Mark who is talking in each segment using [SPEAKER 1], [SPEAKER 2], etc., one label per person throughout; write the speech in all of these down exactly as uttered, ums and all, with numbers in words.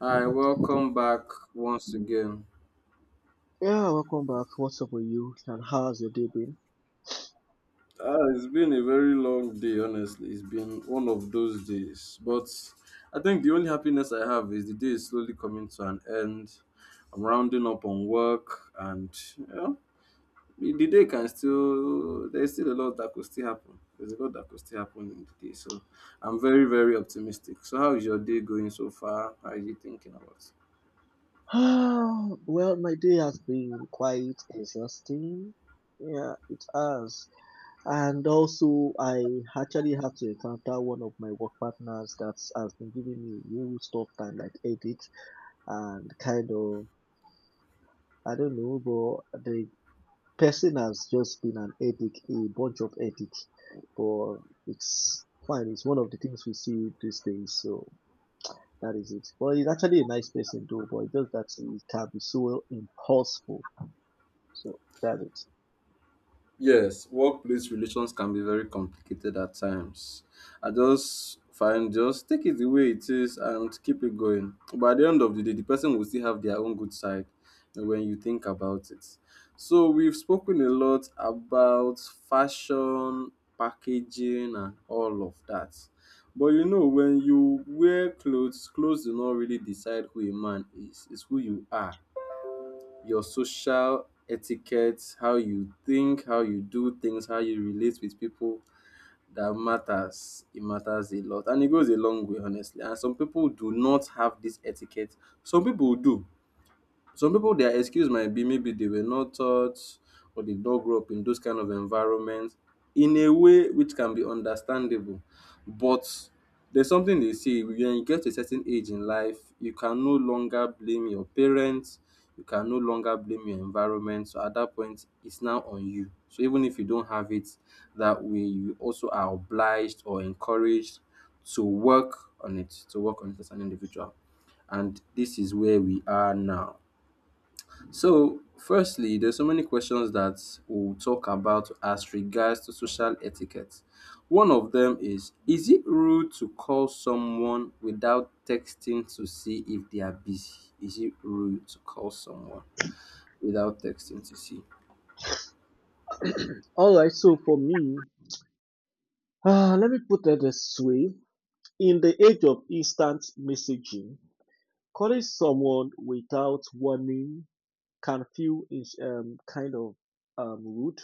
[SPEAKER 1] Hi, welcome back once again.
[SPEAKER 2] Yeah, welcome back. What's up with you? And how's your day been?
[SPEAKER 1] Ah, it's been a very long day, honestly. It's been one of those days. But I think the only happiness I have is the day is slowly coming to an end. I'm rounding up on work, and you know, the the day can still, there's still a lot that could still happen. There's a lot that could still happen in the day. So I'm very, very optimistic. So, how is your day going so far? How are you thinking about?
[SPEAKER 2] Well, my day has been quite exhausting. Yeah, it has. And also, I actually had to encounter one of my work partners that has been giving me real tough time, like headache and kind of, I don't know, but the person has just been an headache, a bunch of headache. But it's fine. It's one of the things we see these days. So that is it. But he's actually a nice person though, but it's just that he can be so impulsive. So that is.
[SPEAKER 1] Yes, workplace relations can be very complicated at times. I just find just take it the way it is and keep it going. But at the end of the day, the person will still have their own good side when you think about it. So we've spoken a lot about fashion, packaging, and all of that. But you know, when you wear clothes, clothes do not really decide who a man is, it's who you are your social etiquette, how you think, how you do things, how you relate with people that matters. It matters a lot and it goes a long way honestly. And some people do not have this etiquette. Some people do. Some people their excuse might be maybe they were not taught or they don't grow up in those kind of environments in a way which can be understandable. But there's something they say when you get to a certain age in life, you can no longer blame your parents, you can no longer blame your environment. So at that point, it's now on you. So even if you don't have it that way, you also are obliged or encouraged to work on it, to work on it as an individual. And this is where we are now. So, firstly, there's so many questions that we'll talk about as regards to social etiquette. One of them is Is it rude to call someone without texting to see if they are busy? Is it rude to call someone without texting to see?
[SPEAKER 2] Alright, so for me, uh, let me put it this way. In the age of instant messaging, calling someone without warning can feel is um, kind of um, rude.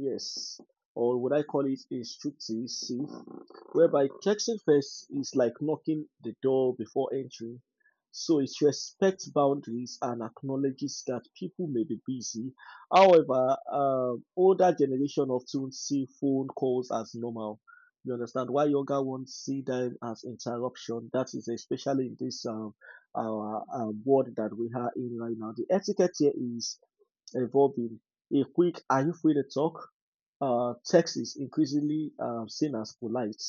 [SPEAKER 2] Yes. Or would I call it instructive sieve, whereby texting first is like knocking the door before entering. So it respects boundaries and acknowledges that people may be busy. However, um, older generation often see phone calls as normal. You understand why younger ones see them as interruption. That is especially in this um, our um, world that we are in right now. The etiquette here is evolving. A quick, are you free to talk? Uh, text is increasingly uh, seen as polite,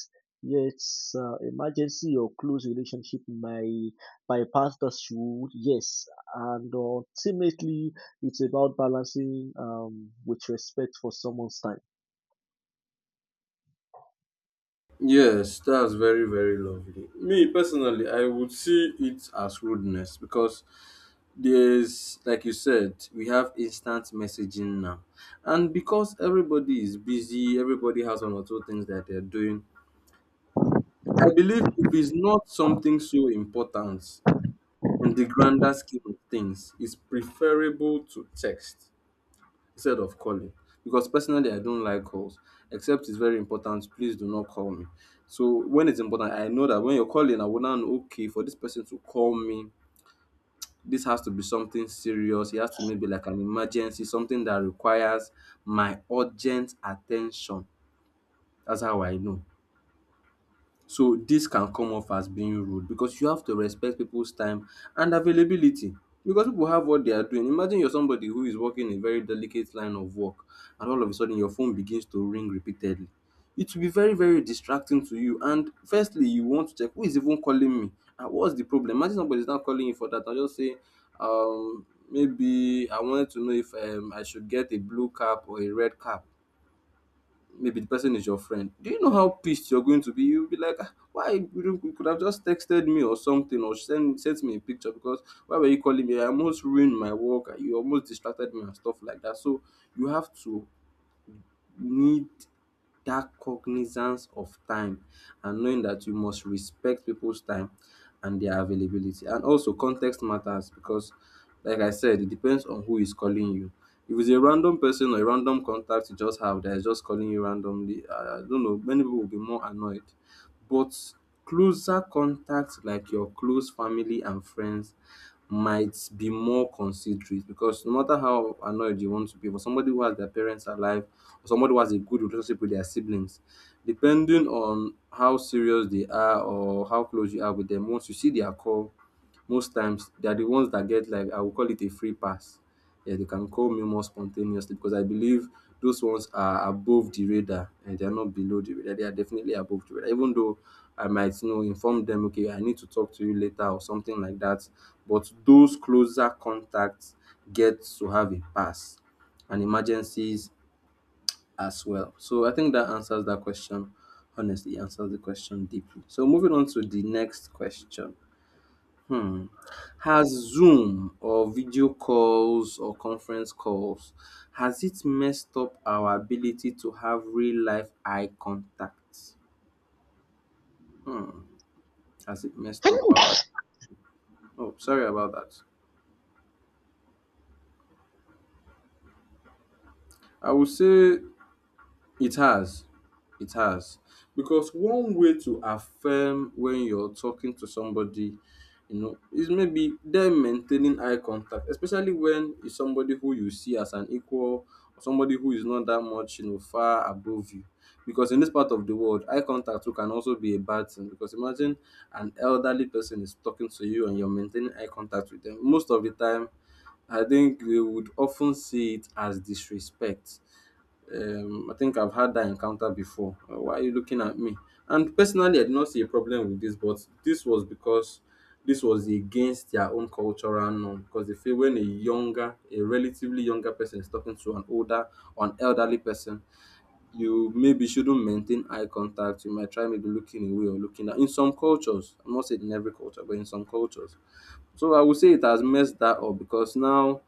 [SPEAKER 2] yet uh, emergency or close relationship may bypass the shield, yes. And ultimately, it's about balancing um, with respect for someone's time.
[SPEAKER 1] Yes, that's very, very lovely. Me personally, I would see it as rudeness because there's, like you said, we have instant messaging now. And because everybody is busy, everybody has one or two things that they're doing. I believe if it's not something so important in the grander scheme of things, it's preferable to text instead of calling. Because personally, I don't like calls, except it's very important. Please do not call me. So when it's important, I know that when you're calling, I will now know, okay, for this person to call me, this has to be something serious. It has to maybe like an emergency, something that requires my urgent attention. That's how I know. So this can come off as being rude because you have to respect people's time and availability because people have what they are doing. Imagine you're somebody who is working a very delicate line of work and all of a sudden your phone begins to ring repeatedly. It will be very, very distracting to you. And firstly, you want to check who is even calling me and what's the problem. Imagine somebody's not calling you for that. I'll just say, um, maybe I wanted to know if um, I should get a blue cap or a red cap maybe the person is your friend, do you know how pissed you're going to be? You'll be like, "Ah, why you don't- you could have just texted me or something or send sent me a picture because why were you calling me? I almost ruined my work. You almost distracted me and stuff like that. So you have to need that cognizance of time and knowing that you must respect people's time and their availability. And also, context matters because, like I said, it depends on who is calling you. If it's a random person or a random contact you just have that is just calling you randomly, uh, I don't know, many people will be more annoyed. But closer contacts like your close family and friends might be more considerate because no matter how annoyed you want to be, for somebody who has their parents alive or somebody who has a good relationship with their siblings, depending on how serious they are or how close you are with them, once you see their call, most times they are the ones that get like I will call it a free pass. Yeah, they can call me more spontaneously because I believe those ones are above the radar and they are not below the radar. They are definitely above the radar. Even though I might you know inform them, okay, I need to talk to you later or something like that. But those closer contacts get to have a pass and emergencies as well. So I think that answers that question. Honestly, answers the question deeply. So moving on to the next question. Hmm. Has Zoom or video calls or conference calls has it messed up our ability to have real life eye contact? Hmm. Has it messed up our? Oh, sorry about that. I would say it has. It has. Because one way to affirm when you're talking to somebody, you know, is maybe them maintaining eye contact, especially when it's somebody who you see as an equal or somebody who is not that much, you know, far above you. Because in this part of the world, eye contact too can also be a bad thing. Because imagine an elderly person is talking to you and you're maintaining eye contact with them. Most of the time, I think they would often see it as disrespect um, I think I've had that encounter before. Uh, Why are you looking at me? And personally, I did not see a problem with this, but this was because this was against their own cultural norm. Because they feel when a younger, a relatively younger person is talking to an older or an elderly person, you maybe shouldn't maintain eye contact. You might try maybe looking away or looking at. In some cultures, I'm not saying in every culture, but in some cultures, so I would say it has messed that up because now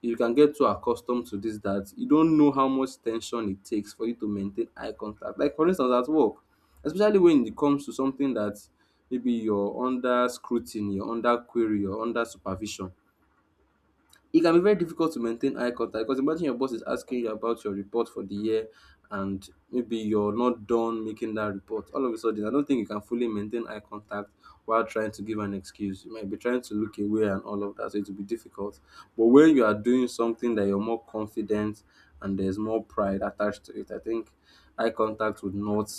[SPEAKER 1] you can get too accustomed to this that you don't know how much tension it takes for you to maintain eye contact. Like for instance at work, especially when it comes to something that maybe you're under scrutiny, you're under query, you're under supervision. It can be very difficult to maintain eye contact because imagine your boss is asking you about your report for the year and maybe you're not done making that report. All of a sudden, I don't think you can fully maintain eye contact while trying to give an excuse. You might be trying to look away and all of that, so it will be difficult. But when you are doing something that you're more confident and there's more pride attached to it, I think eye contact would not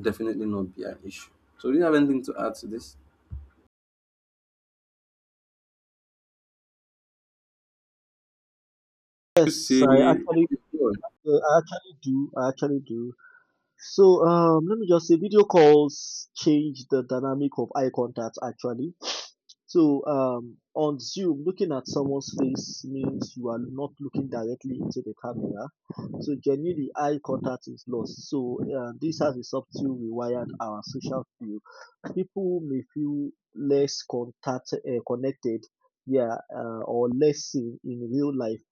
[SPEAKER 1] definitely not be an issue. So, do you have anything to add to this? You
[SPEAKER 2] Yes, I
[SPEAKER 1] see,
[SPEAKER 2] actually,
[SPEAKER 1] yes,
[SPEAKER 2] uh, I actually do. I actually do. So um, let me just say, video calls change the dynamic of eye contact actually. So um, on Zoom, looking at someone's face means you are not looking directly into the camera. So genuinely, eye contact is lost. So uh, this has a subtle rewired our social view. People may feel less contact uh, connected, yeah, uh, or less seen in real life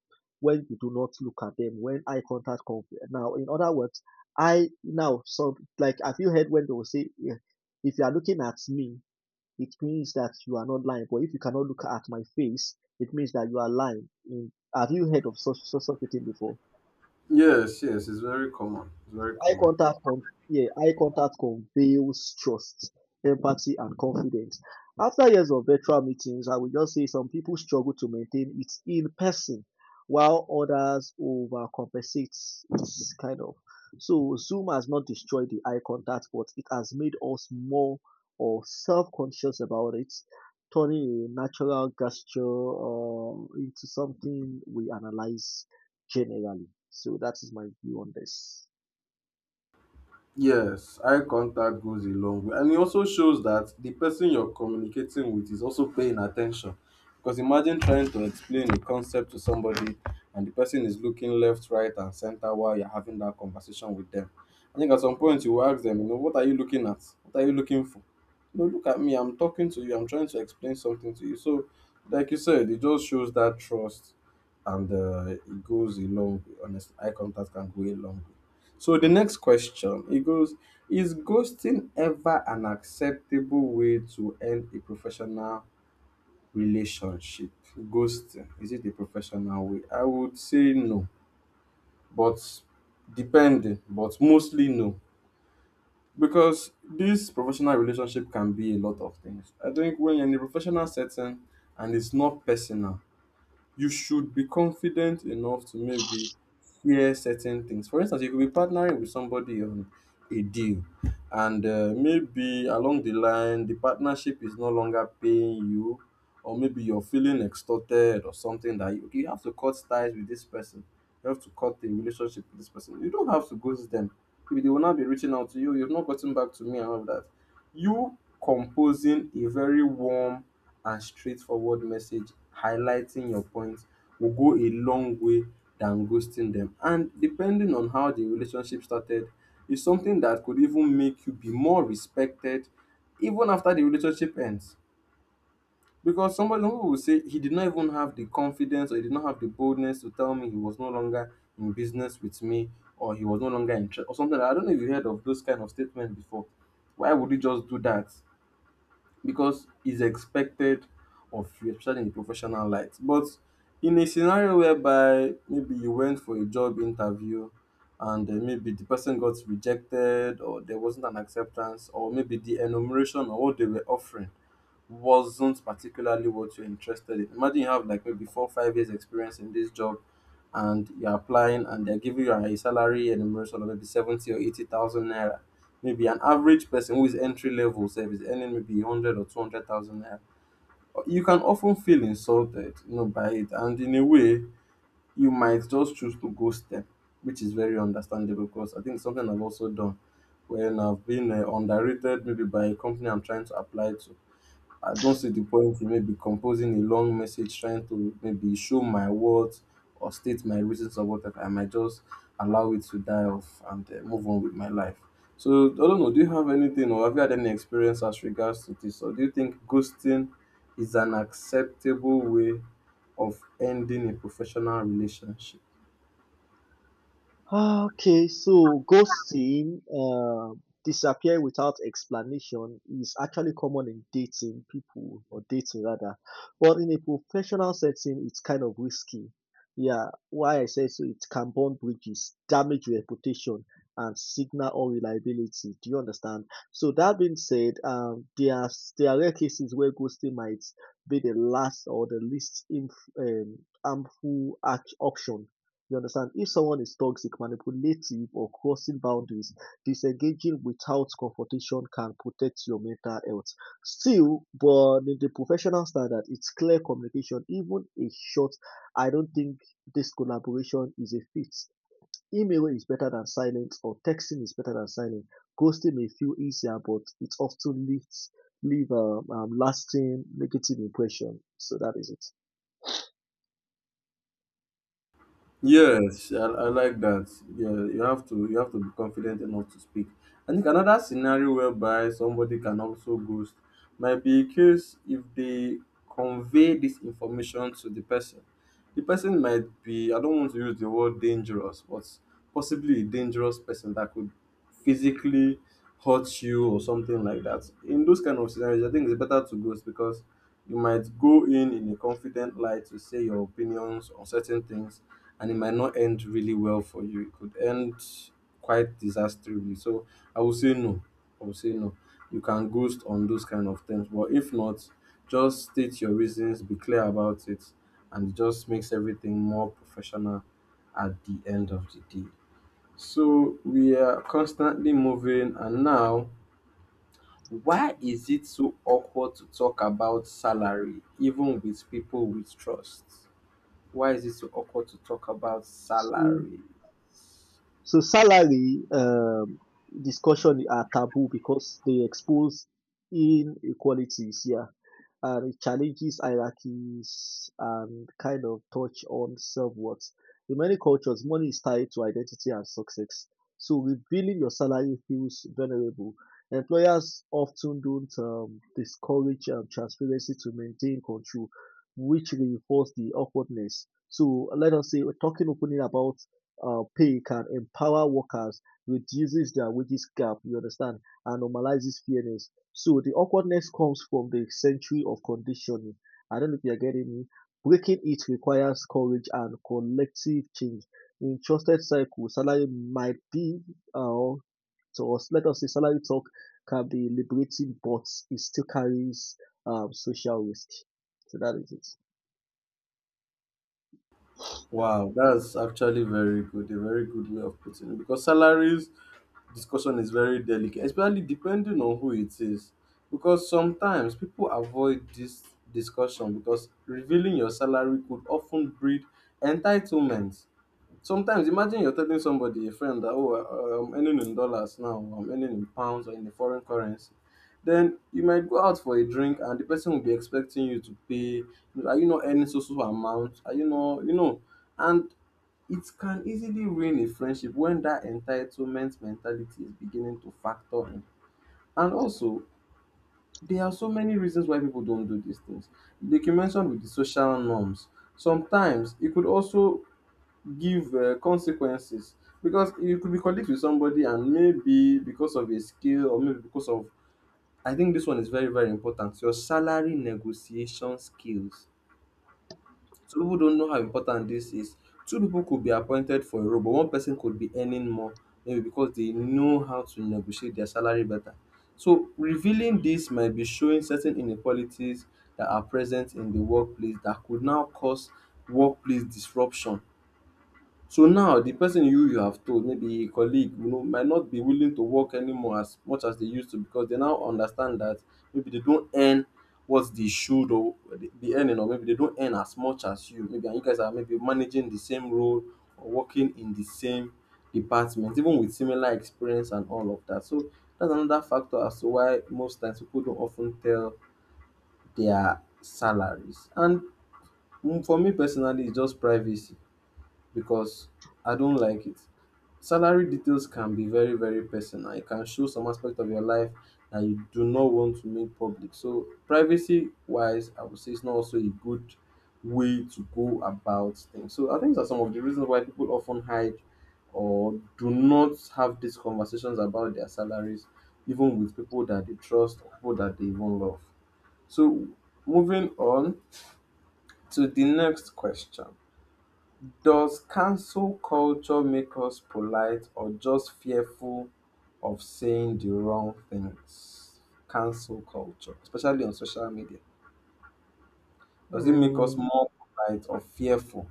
[SPEAKER 2] when you do not look at them. When eye contact comes, now in other words, I now so like have you heard when they will say, yeah, if you are looking at me, it means that you are not lying. But if you cannot look at my face, it means that you are lying. Mm. Have you heard of such, such, such a thing before?
[SPEAKER 1] yes, it's very common. It's very
[SPEAKER 2] Eye
[SPEAKER 1] common.
[SPEAKER 2] contact con- yeah, eye contact conveys trust, empathy, and confidence. After years of virtual meetings, I would just say some people struggle to maintain it in person, while others overcompensate. It's kind of. So Zoom has not destroyed the eye contact, but it has made us more or self-conscious about it, turning a natural gesture uh, into something we analyze generally. So that is my view on this.
[SPEAKER 1] Yes, eye contact goes a long way. And it also shows that the person you're communicating with is also paying attention. Because imagine trying to explain a concept to somebody and the person is looking left, right, and center while you're having that conversation with them. I think at some point you will ask them, you know, what are you looking at? What are you looking for? No, look at me, I'm talking to you, I'm trying to explain something to you. So, like you said, it just shows that trust and uh, it goes a long way. Honestly, eye contact can go a long way. So the next question, it goes, is ghosting ever an acceptable way to end a professional relationship? Ghosting, is it a professional way? I would say no, but depending, but mostly no. Because this professional relationship can be a lot of things. I think when you're in a professional setting and it's not personal, you should be confident enough to maybe share certain things. For instance, you could be partnering with somebody on a deal, and uh, maybe along the line, the partnership is no longer paying you, or maybe you're feeling extorted or something that you, you have to cut ties with this person. You have to cut the relationship with this person. You don't have to ghost them. Maybe they will not be reaching out to you. You've not gotten back to me and all of that. You composing a very warm and straightforward message highlighting your points will go a long way than ghosting them. And depending on how the relationship started, is something that could even make you be more respected even after the relationship ends. Because somebody who will say he did not even have the confidence or he did not have the boldness to tell me he was no longer in business with me or he was no longer in tr- or something. I don't know if you heard of those kind of statements before. Why would you just do that? because it's expected of you, especially in professional light. But in a scenario whereby maybe you went for a job interview and uh, maybe the person got rejected or there wasn't an acceptance, or maybe the enumeration or what they were offering wasn't particularly what you're interested in. Imagine you have like maybe four, five years experience in this job and you're applying and they're giving you a salary and enumeration of maybe seventy or eighty thousand naira. Maybe an average person who is entry level say is earning maybe one hundred or two hundred thousand naira. You can often feel insulted, you know, by it. And in a way, you might just choose to ghost them, which is very understandable because I think it's something I've also done when I've been uh, underrated maybe by a company I'm trying to apply to. I don't see the point in maybe composing a long message trying to maybe show my worth or state my reasons or whatever. I might just allow it to die off and uh, move on with my life. So I don't know. Do you have anything, or have you had any experience as regards to this, or do you think ghosting is an acceptable way of ending a professional relationship?
[SPEAKER 2] Ah, okay, so ghosting, uh, disappear without explanation, is actually common in dating people or dating rather, but in a professional setting, it's kind of risky. Yeah, why I say so, it can burn bridges, damage reputation, and signal or reliability. Do you understand? So that being said, um, there are there are rare cases where ghosting might be the last or the least inf- um, harmful act- option, you understand? If someone is toxic, manipulative, or crossing boundaries, disengaging without confrontation can protect your mental health. Still, but in the professional standard, it's clear communication. Even a short, I don't think this collaboration is a fit. Email is better than silence, or texting is better than silence. Ghosting may feel easier, but it often leaves leave a um, lasting negative impression. So that is
[SPEAKER 1] Yes, I, I like that. Yeah, you have to you have to be confident enough to speak. I think another scenario whereby somebody can also ghost might be a case if they convey this information to the person. The person might be, I don't want to use the word dangerous, but possibly a dangerous person that could physically hurt you or something like that. In those kind of scenarios, I think it's better to ghost because you might go in in a confident light to say your opinions on certain things, and it might not end really well for you. It could end quite disastrously. So I would say no. I would say no. You can ghost on those kind of things. But if not, just state your reasons, be clear about it, and it just makes everything more professional at the end of the day. So we are constantly moving, and now, why is it so awkward to talk about salary even with people with trust? Why is it so awkward to talk about
[SPEAKER 2] it.
[SPEAKER 1] salary?
[SPEAKER 2] So salary um, discussion are taboo because they expose inequalities, yeah, and it challenges hierarchies and kind of touch on self-worth. In many cultures, money is tied to identity and success. So revealing your salary feels vulnerable. Employers often don't um, discourage um, transparency to maintain control, which reinforce the awkwardness. So let us say we're talking openly about uh, pay can empower workers, reduces their wages gap, you understand, and normalizes fairness. So the awkwardness comes from the century of conditioning. I don't know if you're getting me. Breaking it requires courage and collective change. In trusted circles, salary might be, uh, to us, let us say, salary talk can be liberating, but it still carries um, social risk. So that is it.
[SPEAKER 1] Wow, that's actually very good. A very good way of putting it, because salaries discussion is very delicate, especially depending on who it is. Because sometimes people avoid this discussion, because revealing your salary could often breed entitlement. Sometimes imagine you're telling somebody, a friend, that oh, uh, I'm earning in dollars now, I'm earning in pounds or in a foreign currency. Then you might go out for a drink, and the person will be expecting you to pay. Are you not earning so so amount? Are you not, you know? And it can easily ruin a friendship when that entitlement mentality is beginning to factor in. And also, there are so many reasons why people don't do these things. Like you mentioned with the social norms, sometimes it could also give um consequences, because you could be colleagues with somebody and maybe because of a skill or maybe because of, I think this one is very very important, your salary negotiation skills. Some people don't know how important this is. Two people could be appointed for a role, but one person could be earning more maybe because they know how to negotiate their salary better. So revealing this might be showing certain inequalities that are present in the workplace that could now cause workplace disruption. So now the person you you have told, maybe a colleague you know, might not be willing to work anymore as much as they used to because they now understand that maybe they don't earn what they should or they- be earning, or maybe they don't earn as much as you, maybe, and you guys are maybe managing the same role or working in the same department even with similar experience and all of that. So that's another factor as to why most times people don't often tell their salaries. And mm, for me personally, it's just privacy, because I don't like it. Salary details can be very, very personal. It can show some aspect of your life that you do not want to make public. So, privacy wise, I would say it's not also a good way to go about things. So, I think these are some of the reasons why people often hide or do not have these conversations about their salaries, even with people that they trust or people that they even love. So, moving on to the next question. Does cancel culture make us polite or just fearful of saying the wrong things? Cancel culture, especially on social media, does it make us
[SPEAKER 2] Mm,
[SPEAKER 1] more polite or fearful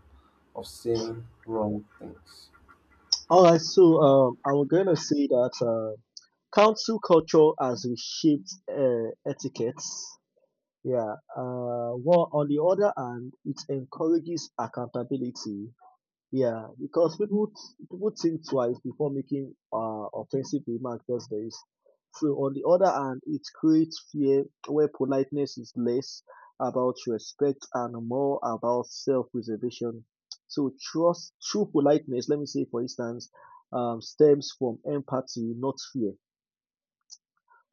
[SPEAKER 1] of saying wrong things?
[SPEAKER 2] all right, so um, I'm gonna say that. Uh, Council culture has reshaped uh, etiquettes. Yeah. Uh, well, on the other hand, it encourages accountability. Yeah, because people people think twice before making uh, offensive remarks these days. So on the other hand, it creates fear where politeness is less about respect and more about self-preservation. So trust, true politeness, let me say for instance, um, stems from empathy, not fear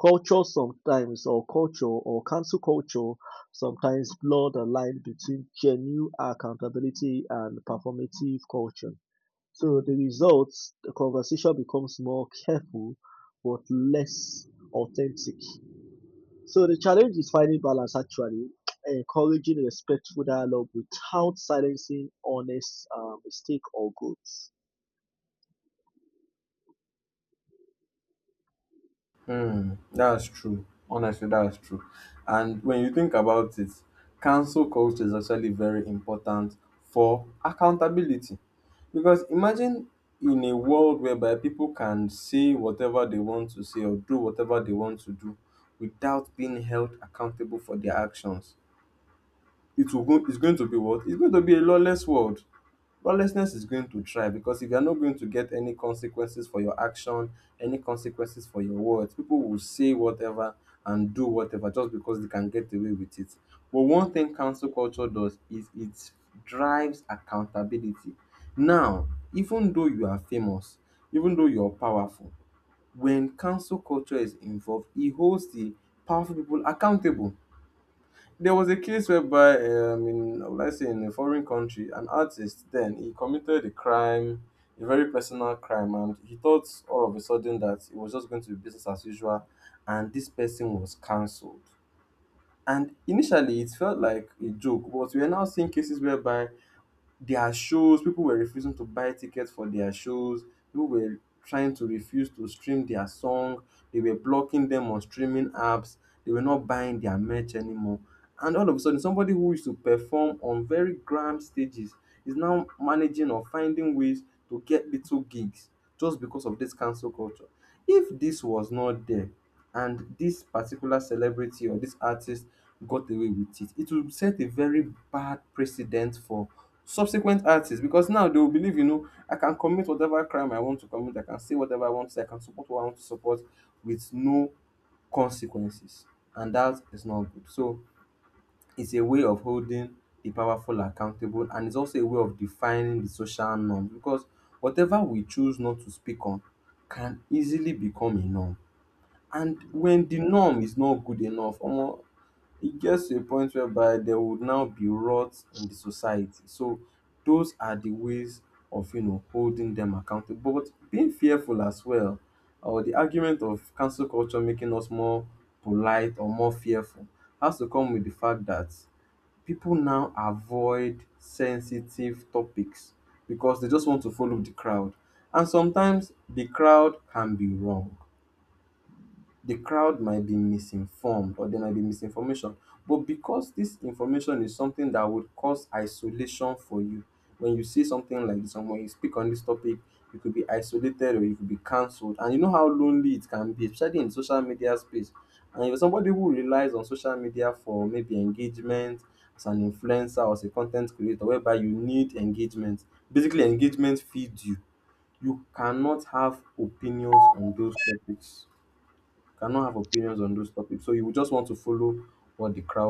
[SPEAKER 2] culture sometimes or culture or cancel culture sometimes blur the line between genuine accountability and performative culture. So the results, the conversation becomes more careful but less authentic. So the challenge is finding balance actually, encouraging respectful dialogue without silencing honest uh, mistake or growth.
[SPEAKER 1] Hmm. that's true. Honestly, that's true. And when you think about it, cancel culture is actually very important for accountability. Because imagine in a world whereby people can say whatever they want to say or do whatever they want to do without being held accountable for their actions, it will go it's going to be what? It's going to be a lawless world. Lawlessness is going to try, because if you're not going to get any consequences for your action, any consequences for your words, people will say whatever and do whatever just because they can get away with it. But one thing cancel culture does is it drives accountability. Now, even though you are famous, even though you're powerful, when cancel culture is involved, it holds the powerful people accountable. There was a case whereby, um, in, let's say, in a foreign country, an artist then he committed a crime, a very personal crime, and he thought all of a sudden that it was just going to be business as usual, and this person was cancelled. And initially, it felt like a joke, but we are now seeing cases whereby their shows people were refusing to buy tickets for their shows. People were trying to refuse to stream their song. They were blocking them on streaming apps. They were not buying their merch anymore. And all of a sudden somebody who used to perform on very grand stages is now managing or finding ways to get little gigs just because of this cancel culture. If this was not there, and this particular celebrity or this artist got away with it, it would set a very bad precedent for subsequent artists, because now they will believe, you know I can commit whatever crime I want to commit, I can say whatever I want to say, I can support what I want to support with no consequences. And that is not good. So it's a way of holding the powerful accountable, and it's also a way of defining the social norm, because whatever we choose not to speak on can easily become a norm. And when the norm is not good enough, omo, it gets to a point whereby there would now be rot in the society. So those are the ways of you know holding them accountable. But being fearful as well, or the argument of cancel culture making us more polite or more fearful, has to come with the fact that people now avoid sensitive topics because they just want to follow the crowd. And sometimes the crowd can be wrong. The crowd might be misinformed, or there might be misinformation. But because this information is something that would cause isolation for you, when you see something like this, and when you speak on this topic, you could be isolated or you could be cancelled. And you know how lonely it can be, especially in social media space. And if you're somebody who relies on social media for maybe engagement as an influencer or as a content creator, whereby you need engagement, basically engagement feeds you. You cannot have opinions on those topics cannot have opinions on those topics. So you would just want to follow what the crowd's